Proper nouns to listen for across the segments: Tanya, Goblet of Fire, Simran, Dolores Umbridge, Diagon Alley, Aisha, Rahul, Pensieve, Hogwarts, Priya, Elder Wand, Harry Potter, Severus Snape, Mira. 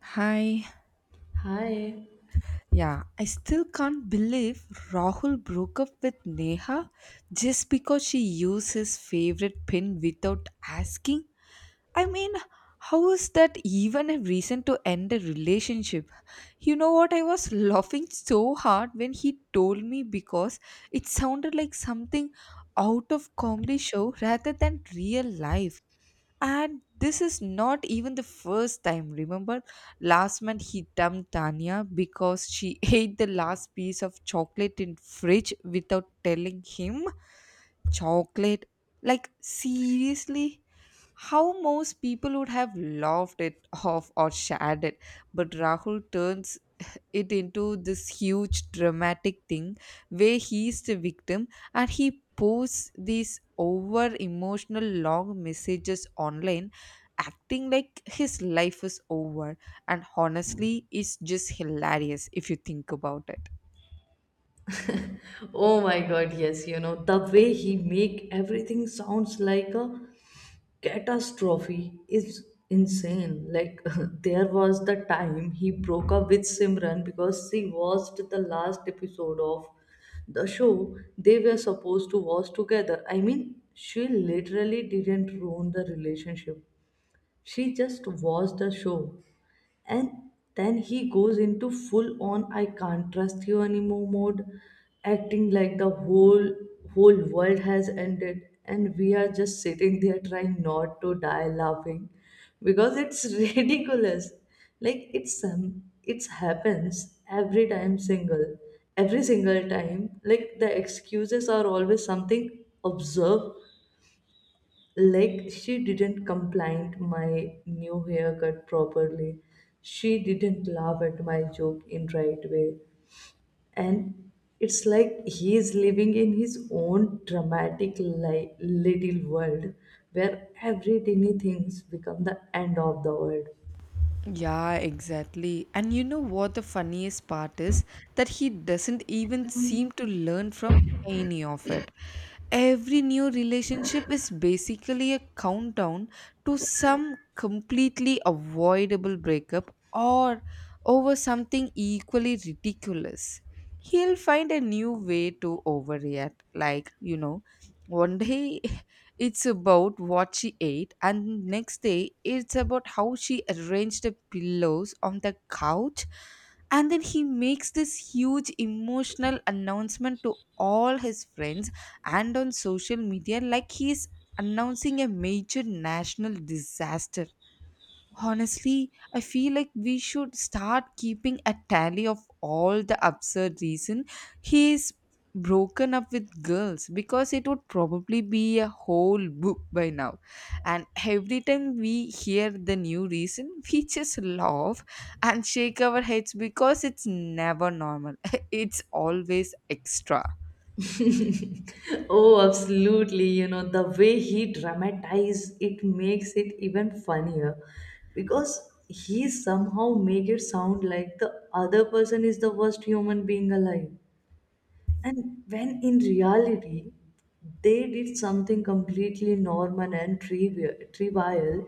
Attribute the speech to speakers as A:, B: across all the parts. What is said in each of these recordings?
A: Hi.
B: Hi.
A: Yeah, I still can't believe Rahul broke up with Neha just because she used his favorite pin without asking. I mean, how is that even a reason to end a relationship? You know what? I was laughing so hard when he told me because it sounded like something out of comedy show rather than real life. And this is not even the first time, remember? Last month he dumped Tanya because she ate the last piece of chocolate in fridge without telling him. Chocolate? Like seriously? How most people would have laughed it off or shared it, but Rahul turns it into this huge dramatic thing where he's the victim, and he posts these over emotional long messages online, acting like his life is over. And honestly, it's just hilarious if you think about it.
B: Oh my god, yes, the way he make everything sounds like a catastrophe is insane. Like there was the time he broke up with Simran because she watched the last episode of the show they were supposed to watch together. I mean, she literally didn't ruin the relationship. She just watched the show and then he goes into full on I can't trust you anymore mode, acting like the whole world has ended, and we are just sitting there trying not to die laughing because it's ridiculous. Like it's some it's happens every time single every single time, like the excuses are always something observed. Like she didn't complain my new haircut properly, she didn't laugh at my joke in right way, and it's like he is living in his own dramatic little world where every tiny things become the end of the world.
A: Yeah, exactly. And you know what the funniest part is? That he doesn't even seem to learn from any of it. Every new relationship is basically a countdown to some completely avoidable breakup or over something equally ridiculous. He'll find a new way to overreact. Like, you know, one day it's about what she ate, and next day it's about how she arranged the pillows on the couch. And then he makes this huge emotional announcement to all his friends and on social media, like he's announcing a major national disaster. Honestly, I feel like we should start keeping a tally of all the absurd reason he's broken up with girls, because it would probably be a whole book by now. And every time we hear the new reason, we just laugh and shake our heads because it's never normal. It's always extra.
B: Oh, absolutely. The way he dramatized it makes it even funnier because he somehow make it sound like the other person is the worst human being alive. And when in reality, they did something completely normal and trivial,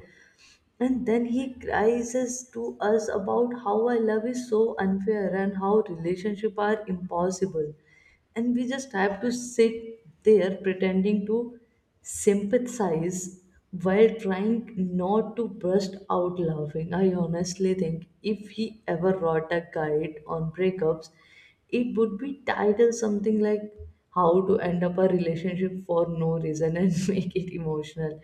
B: and then he cries to us about how our love is so unfair and how relationships are impossible. And we just have to sit there pretending to sympathize while trying not to burst out laughing. I honestly think if he ever wrote a guide on breakups, it would be titled something like How to End Up a Relationship for No Reason and Make It Emotional,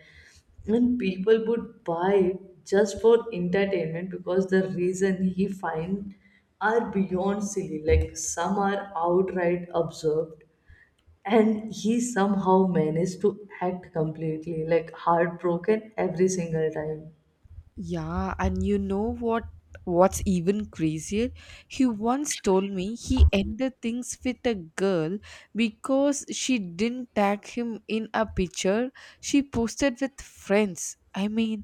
B: and people would buy it just for entertainment because the reason he find are beyond silly, like some are outright absurd, and he somehow managed to act completely like heartbroken every single time.
A: Yeah, and you know what's even crazier? He once told me he ended things with a girl because she didn't tag him in a picture she posted with friends. I mean,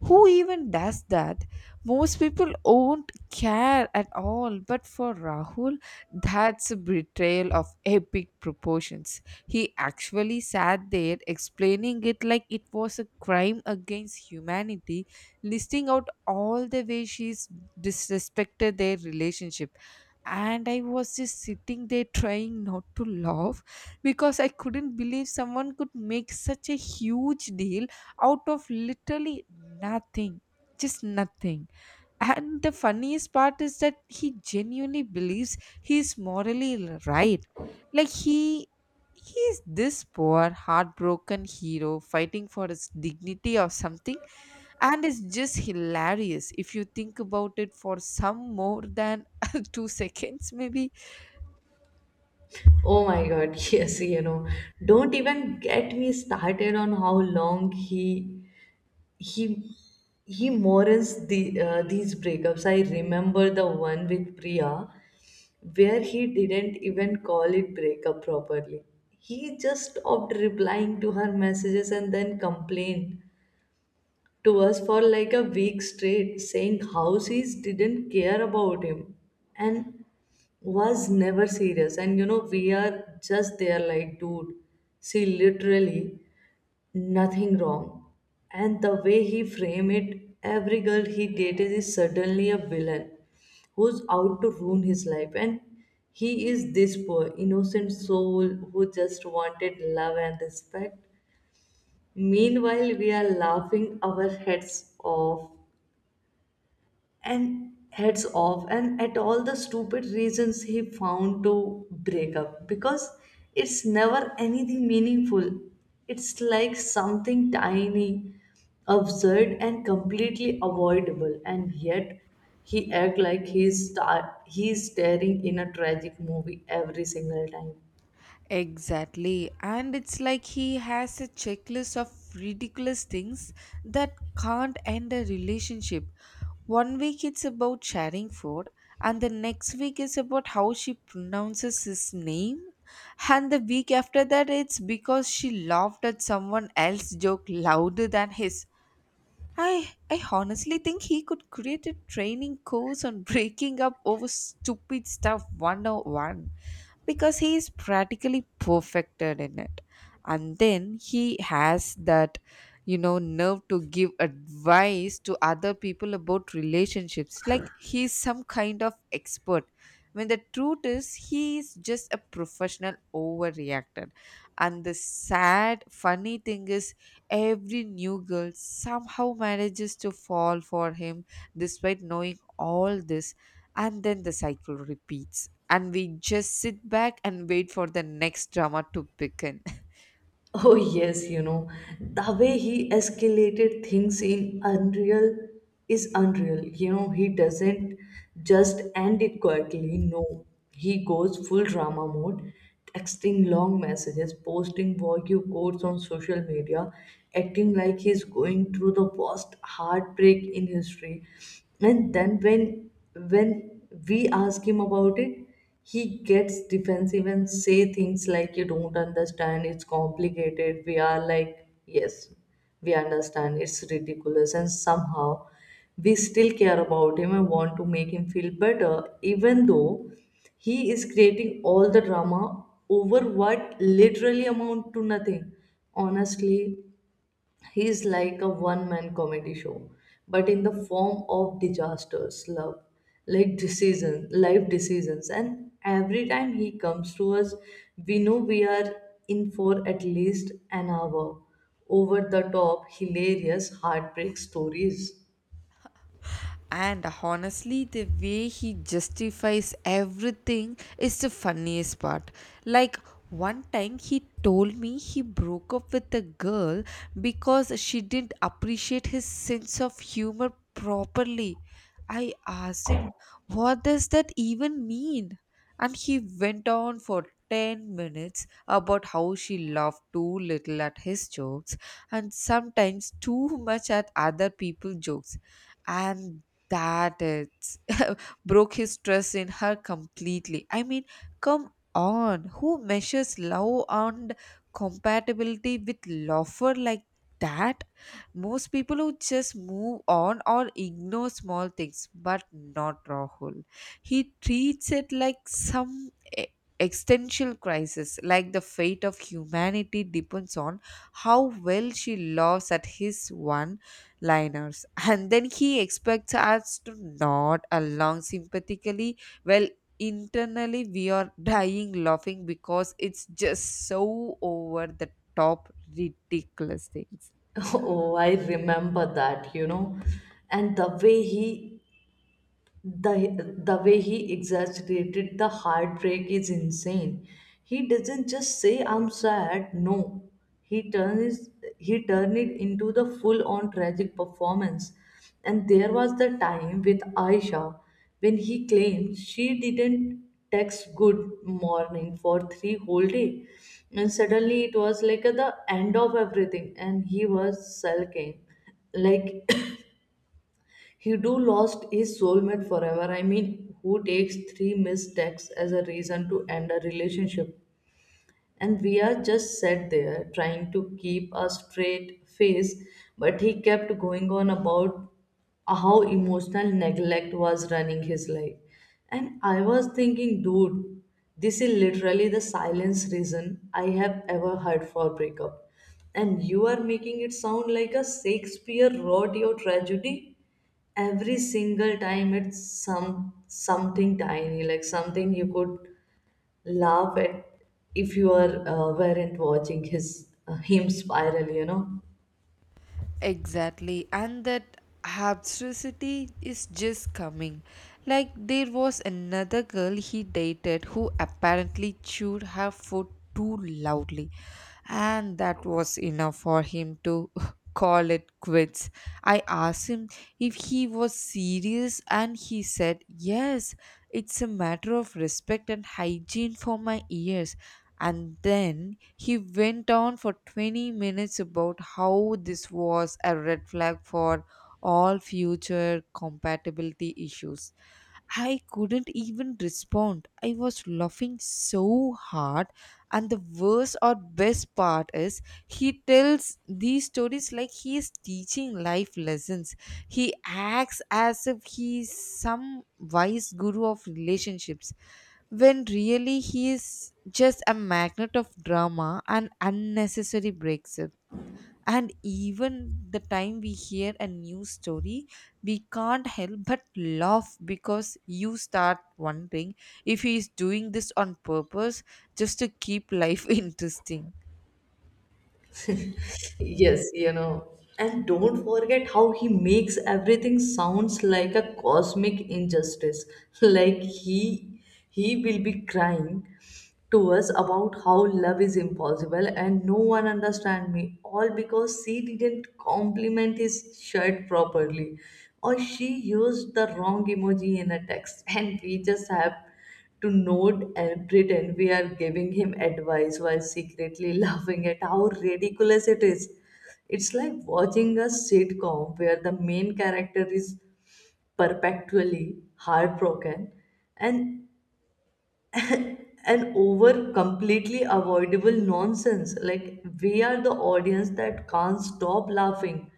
A: who even does that? Most people won't care at all, but for Rahul, that's a betrayal of epic proportions. He actually sat there explaining it like it was a crime against humanity, listing out all the ways she's disrespected their relationship. And I was just sitting there trying not to laugh because I couldn't believe someone could make such a huge deal out of literally nothing, just nothing. And the funniest part is that he genuinely believes he's morally right, like he's this poor heartbroken hero fighting for his dignity or something. And it's just hilarious if you think about it for some more than 2 seconds maybe.
B: Oh my God, yes, don't even get me started on how long he he mourns these breakups. I remember the one with Priya, where he didn't even call it breakup properly. He just stopped replying to her messages and then complained to us for like a week straight, saying how she didn't care about him and was never serious. And we are just there like, dude, she literally nothing wrong. And the way he frame it, every girl he dated is suddenly a villain who's out to ruin his life. And he is this poor, innocent soul who just wanted love and respect. Meanwhile, we are laughing our heads off and at all the stupid reasons he found to break up, because it's never anything meaningful. It's like something tiny, absurd and completely avoidable, and yet he act like he's staring in a tragic movie every single time.
A: Exactly. And it's like he has a checklist of ridiculous things that can't end a relationship. One week it's about sharing food, and the next week is about how she pronounces his name. And the week after that, it's because she laughed at someone else's joke louder than his. I honestly think he could create a training course on breaking up over stupid stuff 101, because he is practically perfected in it. And then he has that, you know, nerve to give advice to other people about relationships, like he's some kind of expert, when the truth is he is just a professional overreactor. And the sad funny thing is, every new girl somehow manages to fall for him despite knowing all this, and then the cycle repeats, and we just sit back and wait for the next drama to begin.
B: Oh, yes, the way he escalated things in Unreal is unreal. You know, he doesn't just end it quietly. No, he goes full drama mode, texting long messages, posting vogue quotes on social media, acting like he's going through the worst heartbreak in history. And then when we ask him about it, he gets defensive and say things like you don't understand it's complicated. We are like yes, we understand, it's ridiculous, and somehow we still care about him and want to make him feel better, even though he is creating all the drama over what literally amount to nothing. Honestly, he's like a one man comedy show, but in the form of disasters, love, like decisions, life decisions. And every time he comes to us, we know we are in for at least an hour. Over the top, hilarious heartbreak stories.
A: And honestly, the way he justifies everything is the funniest part. Like, one time he told me he broke up with a girl because she didn't appreciate his sense of humor properly. I asked him, what does that even mean? And he went on for 10 minutes about how she laughed too little at his jokes and sometimes too much at other people's jokes, and that it broke his trust in her completely. I mean, come on, who measures love and compatibility with lover like that? Most people who just move on or ignore small things, but not Rahul. He treats it like some e- existential crisis, like the fate of humanity depends on how well she loves at his one liners. And then he expects us to nod along sympathetically, well, internally we are dying laughing because it's just so over the top ridiculous things.
B: Oh, I remember that. And the way he the way he exaggerated the heartbreak is insane. He doesn't just say I'm sad. No, he turns he turned it into the full on tragic performance. And there was the time with Aisha, when he claimed she didn't text good morning for three whole day, and suddenly it was like at the end of everything, and he was sulking like Hidu lost his soulmate forever. I mean, who takes three missed texts as a reason to end a relationship? And we are just sat there trying to keep a straight face, but he kept going on about how emotional neglect was running his life. And I was thinking, dude, this is literally the silence reason I have ever heard for breakup. And you are making it sound like a Shakespeare wrote your tragedy every single time. It's some something tiny, like something you could laugh at if you are weren't watching his him spiral.
A: Exactly, and that absurdity is just coming. Like, there was another girl he dated who apparently chewed her food too loudly, and that was enough for him to call it quits. I asked him if he was serious, and he said yes. It's a matter of respect and hygiene for my ears. And then he went on for 20 minutes about how this was a red flag for all future compatibility issues. I couldn't even respond. I was laughing so hard part. And the worst or best part is, he tells these stories like he is teaching life lessons. He acts as if he is some wise guru of relationships, when really he is just a magnet of drama and unnecessary breaks. And even the time we hear a news story, we can't help but laugh because you start wondering if he is doing this on purpose just to keep life interesting.
B: Yes, and don't forget how he makes everything sounds like a cosmic injustice. Like he will be crying to us about how love is impossible and no one understand me, all because she didn't compliment his shirt properly or she used the wrong emoji in a text. And we just have to nod and pretend we are giving him advice while secretly laughing at how ridiculous it is. It's like watching a sitcom where the main character is perpetually heartbroken and and over completely avoidable nonsense. Like we are the audience that can't stop laughing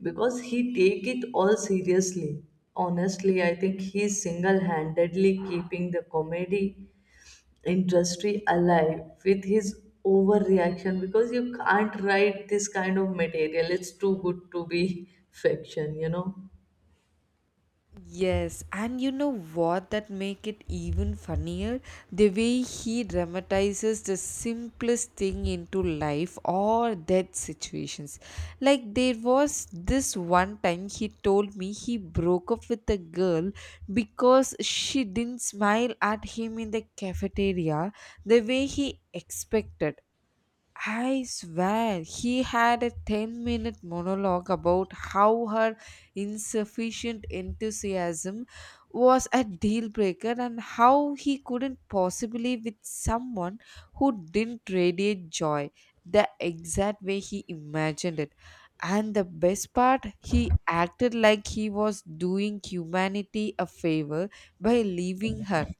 B: because he take it all seriously. Honestly, I think he's single-handedly keeping the comedy industry alive with his overreaction, because you can't write this kind of material. It's too good to be fiction.
A: Yes, and you know what that make it even funnier? The way he dramatizes the simplest thing into life or death situations. Like there was this one time he told me he broke up with a girl because she didn't smile at him in the cafeteria the way he expected. I swear he had a 10-minute monologue about how her insufficient enthusiasm was a deal breaker and how he couldn't possibly with someone who didn't radiate joy the exact way he imagined it. And the best part, he acted like he was doing humanity a favor by leaving her.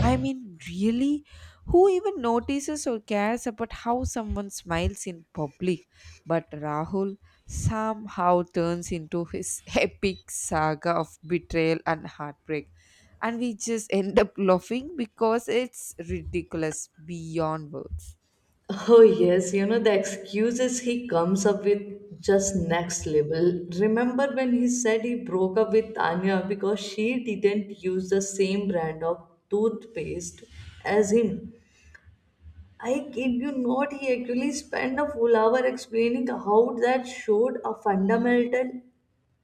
A: I mean, really? Who even notices or cares about how someone smiles in public? But Rahul somehow turns into his epic saga of betrayal and heartbreak. And we just end up laughing because it's ridiculous beyond words.
B: Oh, yes, the excuses he comes up with just next level. Remember when he said he broke up with Tanya because she didn't use the same brand of toothpaste as him? I kid you not, he actually spent a full hour explaining how that showed a fundamental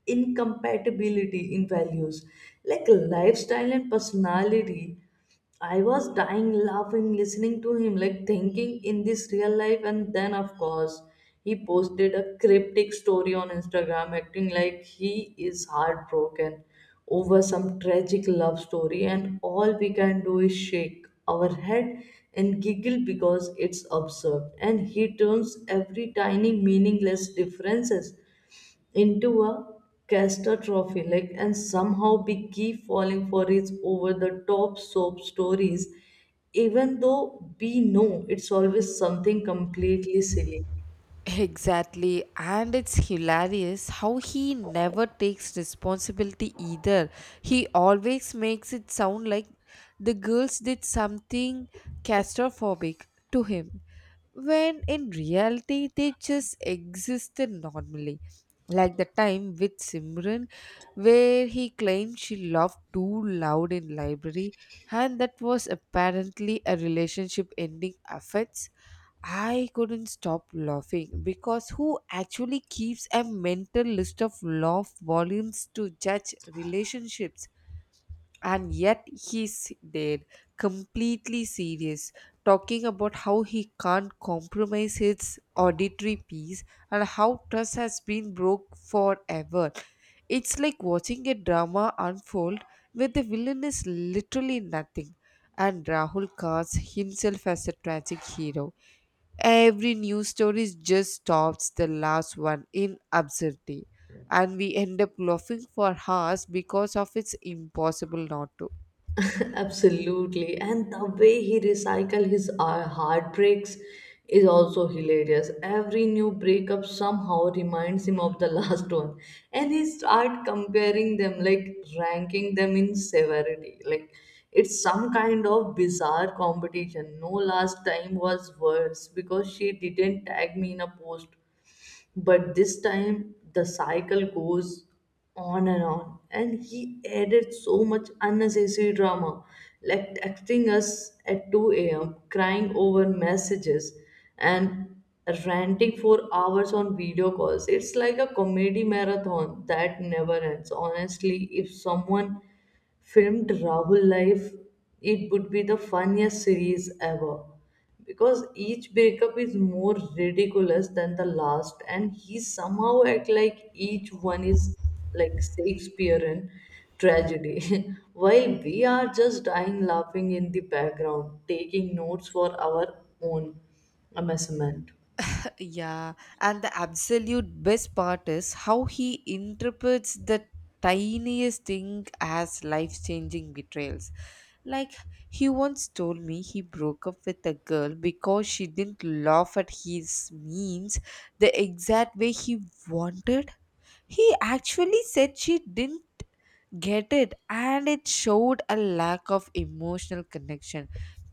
B: incompatibility in values, like lifestyle and personality. I was dying laughing listening to him, like thinking in this real life. And then of course he posted a cryptic story on Instagram acting like he is heartbroken over some tragic love story, and all we can do is shake our head and giggle because it's absurd, and he turns every tiny meaningless differences into a catastrophe. Like, and somehow we keep falling for its over the top soap stories, even though we know it's always something completely silly.
A: Exactly, and it's hilarious how he never takes responsibility either. He always makes it sound like the girls did something claustrophobic to him, when in reality they just existed normally. Like the time with Simran, where he claimed she laughed too loud in library and that was apparently a relationship ending offense. I couldn't stop laughing because who actually keeps a mental list of laugh volumes to judge relationships? And yet he's there, completely serious, talking about how he can't compromise his auditory piece and how trust has been broke forever. It's like watching a drama unfold where the villain is literally nothing, and Rahul casts himself as a tragic hero. Every news story just tops the last one in absurdity, and we end up laughing for hours because of its impossible not to.
B: Absolutely. And the way he recycle his heartbreaks is also hilarious. Every new breakup somehow reminds him of the last one. And he start comparing them, like ranking them in severity. Like it's some kind of bizarre competition. No, last time was worse because she didn't tag me in a post, but this time the cycle goes on, and he added so much unnecessary drama, like texting us at 2 a.m., crying over messages, and ranting for hours on video calls. It's like a comedy marathon that never ends. Honestly, if someone filmed Rahul Life, it would be the funniest series ever, because each breakup is more ridiculous than the last, and he somehow act like each one is like Shakespearean tragedy, while we are just dying laughing in the background, taking notes for our own amusement.
A: Yeah, and the absolute best part is how he interprets the tiniest thing as life changing betrayals. Like, he once told me he broke up with a girl because she didn't laugh at his memes the exact way he wanted. He actually said she didn't get it and it showed a lack of emotional connection.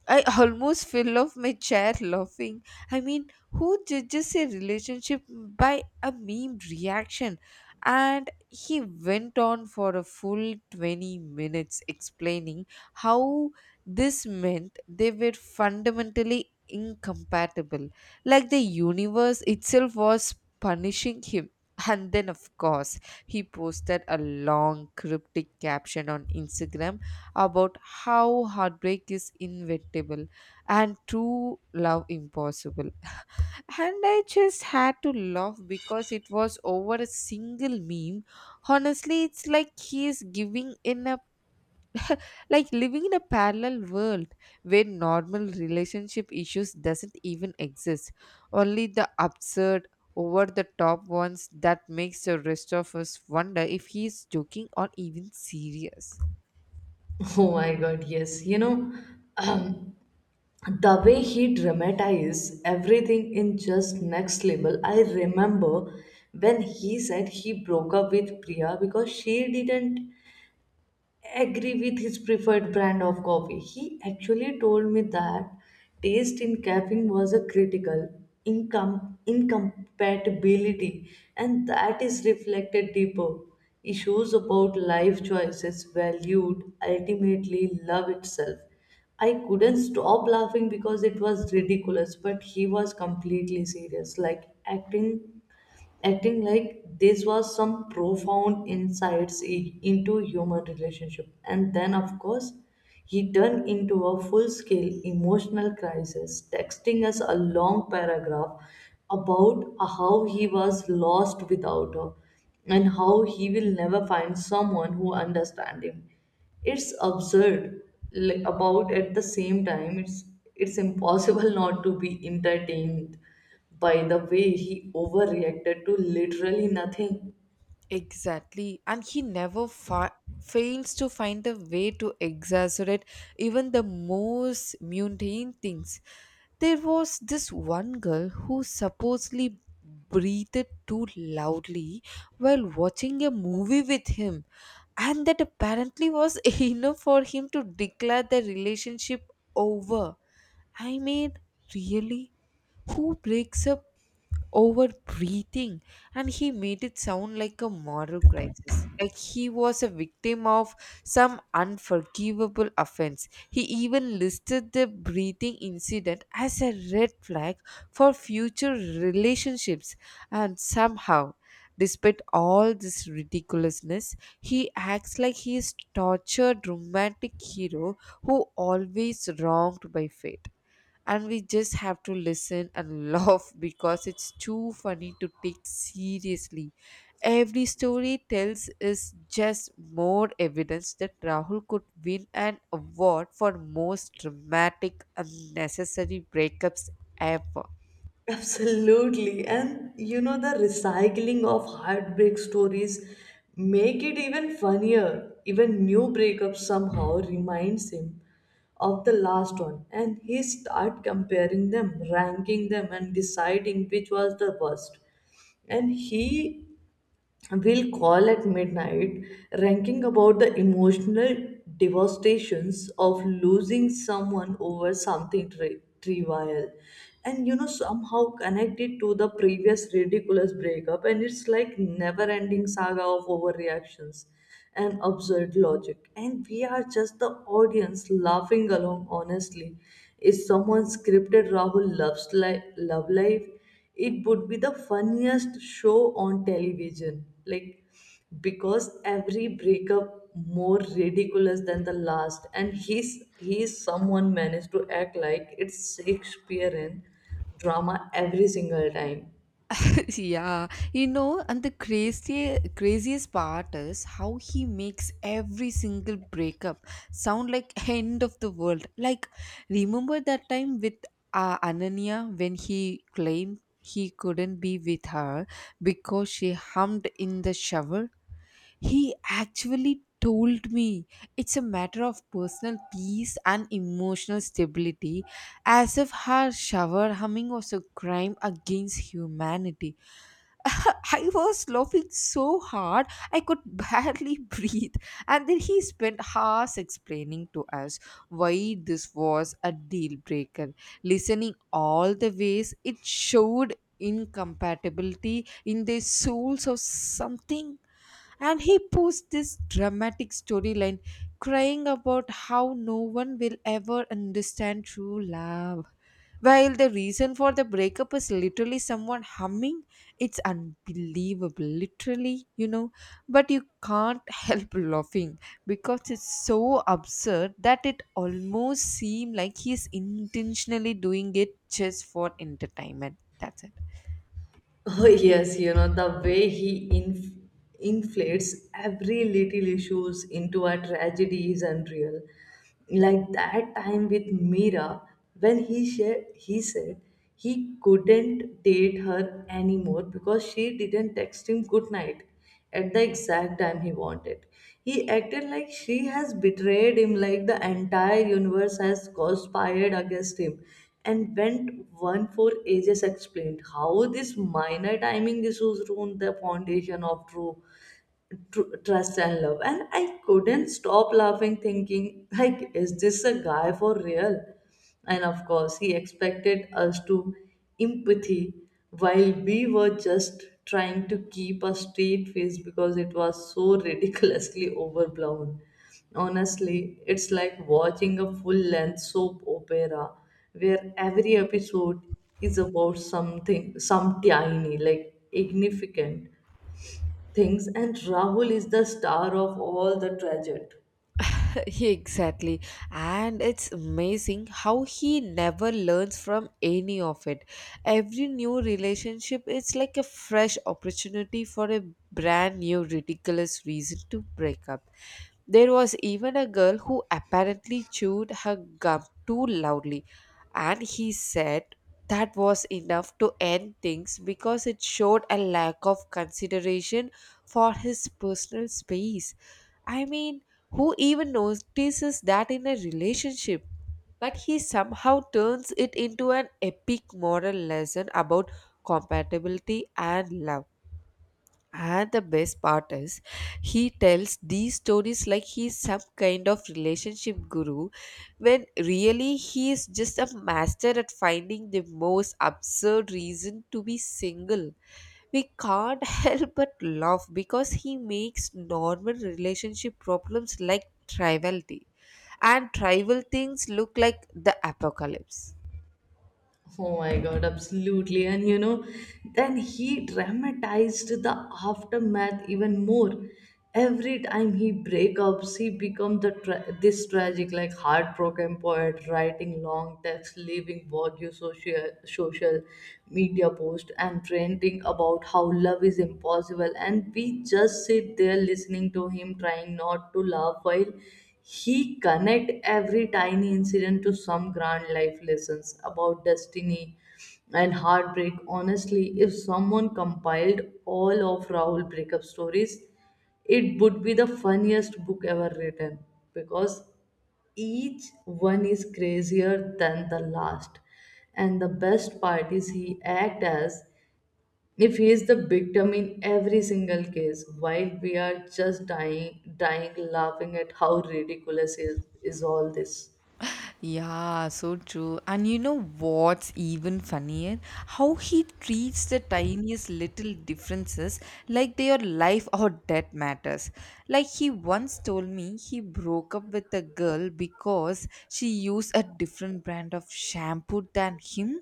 A: I almost fell off my chair laughing. I mean, who judges a relationship by a meme reaction? And he went on for a full 20 minutes explaining how this meant they were fundamentally incompatible, like the universe itself was punishing him. And then, of course, he posted a long cryptic caption on Instagram about how heartbreak is inevitable and true love impossible. And I just had to laugh because it was over a single meme. Honestly, it's like he is giving in a like living in a parallel world where normal relationship issues doesn't even exist. Only the absurd over the top ones that makes the rest of us wonder if he is joking or even serious.
B: Oh my God! Yes. The way he dramatized everything in just next level. I remember when he said he broke up with Priya because she didn't agree with his preferred brand of coffee. He actually told me that taste in caffeine was a critical income incompatibility, and that is reflected deeper issues about life choices valued ultimately love itself. I couldn't stop laughing because it was ridiculous, but he was completely serious, like acting like this was some profound insights into human relationship. And then of course he turned into a full-scale emotional crisis, texting us a long paragraph about how he was lost without her and how he will never find someone who understands him. It's absurd. Like, about at the same time it's impossible not to be entertained by the way he overreacted to literally nothing.
A: Exactly. And he never fails to find a way to exaggerate even the most mundane things. There was this one girl who supposedly breathed too loudly while watching a movie with him, and that apparently was enough for him to declare the relationship over. I mean, really? Who breaks up over breathing? And he made it sound like a moral crisis, like he was a victim of some unforgivable offense. He even listed the breathing incident as a red flag for future relationships. And somehow, despite all this ridiculousness, he acts like he is tortured romantic hero who always wronged by fate, and we just have to listen and laugh because it's too funny to take seriously. Every story tells is just more evidence that Rahul could win an award for most dramatic unnecessary breakups ever.
B: Absolutely. And the recycling of heartbreak stories make it even funnier. Even new breakup somehow reminds him of the last one, and he start comparing them, ranking them and deciding which was the worst. And he will call at midnight, ranking about the emotional devastations of losing someone over something trivial. And somehow connected to the previous ridiculous breakup, and it's like never ending saga of overreactions and absurd logic. And we are just the audience laughing along. Honestly, is someone scripted Rahul loves love life? It would be the funniest show on television. Like, because every breakup more ridiculous than the last, and he's someone managed to act like it's Shakespearean drama every single time.
A: Yeah, you know, and the crazy, craziest part is how he makes every single breakup sound like end of the world. Like, remember that time with Ananya when he claimed he couldn't be with her because she hummed in the shower? He actually told me it's a matter of personal peace and emotional stability, as if her shower humming was a crime against humanity. I was laughing so hard I could barely breathe. And then he spent hours explaining to us why this was a deal breaker. Listening all the ways, it showed incompatibility in the souls of something, and he posed this dramatic storyline, crying about how no one will ever understand true love while the reason for the breakup is literally someone humming. It's unbelievable, literally. But you can't help laughing because it's so absurd that it almost seems like he's intentionally doing it just for entertainment, that's it.
B: Oh, yes, the way he inflates every little issues into a tragedy is unreal. Like that time with Mira, when he shared, he said he couldn't date her anymore because she didn't text him good night at the exact time he wanted. He acted like she has betrayed him, like the entire universe has conspired against him, and went one for ages explained how this minor timing issues ruined the foundation of true trust and love. And I couldn't stop laughing thinking, like is this a guy for real? And of course he expected us to empathy, while we were just trying to keep a straight face because it was so ridiculously overblown. Honestly, it's like watching a full length soap opera where every episode is about something, some tiny like significant things, and Rahul is the star of all the tragedy.
A: Exactly. And it's amazing how he never learns from any of it. Every new relationship is like a fresh opportunity for a brand new ridiculous reason to break up. There was even a girl who apparently chewed her gum too loudly, and he said that was enough to end things because it showed a lack of consideration for his personal space. I mean, who even notices that in a relationship? But he somehow turns it into an epic moral lesson about compatibility and love. And the best part is, he tells these stories like he's some kind of relationship guru, when really he is just a master at finding the most absurd reason to be single. We can't help but laugh because he makes normal relationship problems like triviality, and trivial things look like the apocalypse.
B: Oh my god, absolutely. And then he dramatized the aftermath even more. Every time he breakups he become the this tragic, like heartbroken poet writing long texts, leaving vague social media post and ranting about how love is impossible. And we just sit there listening to him, trying not to laugh, while he connect every tiny incident to some grand life lessons about destiny and heartbreak. Honestly, if someone compiled all of Rahul breakup stories, it would be the funniest book ever written, because each one is crazier than the last, and the best part is he act as if he is the victim in every single case, while we are just dying laughing at how ridiculous is all this.
A: Yeah, so true. And you know what's even funnier? How he treats the tiniest little differences like they are life or death matters. Like he once told me he broke up with a girl because she used a different brand of shampoo than him.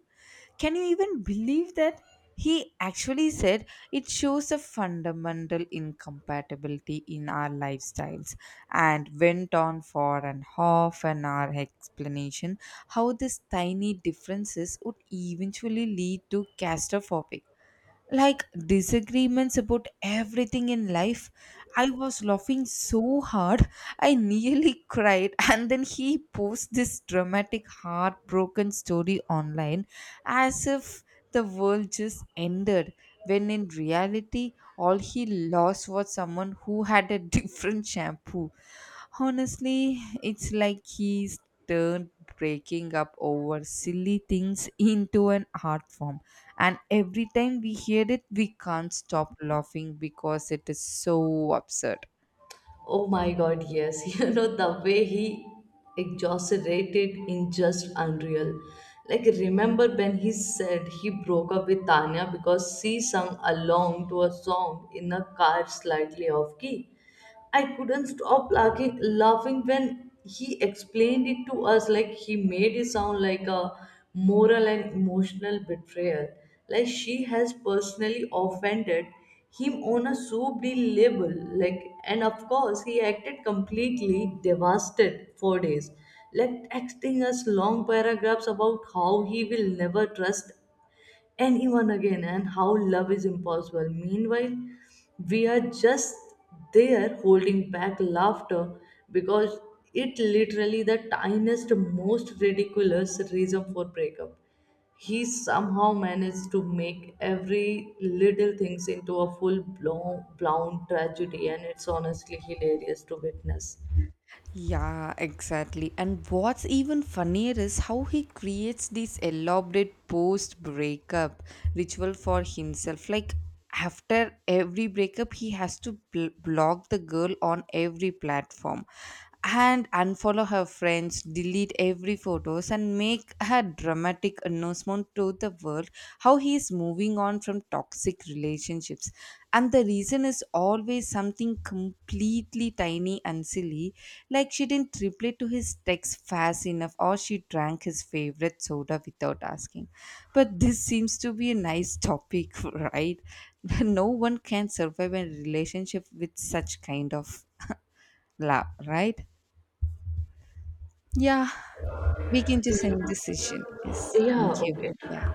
A: Can you even believe that? He actually said it shows a fundamental incompatibility in our lifestyles, and went on for an half an hour explanation how these tiny differences would eventually lead to catastrophic like disagreements about everything in life. I was laughing so hard, I nearly cried. And then he posted this dramatic, heartbroken story online as if the world just ended, when in reality, all he lost was someone who had a different shampoo. Honestly, it's like he's turned breaking up over silly things into an art form. And every time we hear it, we can't stop laughing because it is so absurd.
B: Oh my god, yes. The way he exaggerated in just unreal. Like remember when he said he broke up with Tanya because she sung along to a song in a car slightly off key? I couldn't stop laughing, when he explained it to us. Like he made it sound like a moral and emotional betrayal. Like she has personally offended him on a so big level. Like, and of course he acted completely devastated for days. Like texting us long paragraphs about how he will never trust anyone again and how love is impossible. Meanwhile, we are just there holding back laughter because it literally the tiniest, most ridiculous reason for breakup. He somehow managed to make every little things into a full blown tragedy, and it's honestly hilarious to witness.
A: Yeah, exactly. And what's even funnier is how he creates this elaborate post breakup ritual for himself. Like, after every breakup, he has to block the girl on every platform and unfollow her friends, delete every photos and make her dramatic announcement to the world how he is moving on from toxic relationships, and the reason is always something completely tiny and silly, like she didn't reply to his text fast enough or she drank his favorite soda without asking. But this seems to be a nice topic, right? No one can survive a relationship with such kind of love, right? Yeah. We can just end this session, yes, thank
B: Yeah,
A: you.
B: okay.
A: Yeah.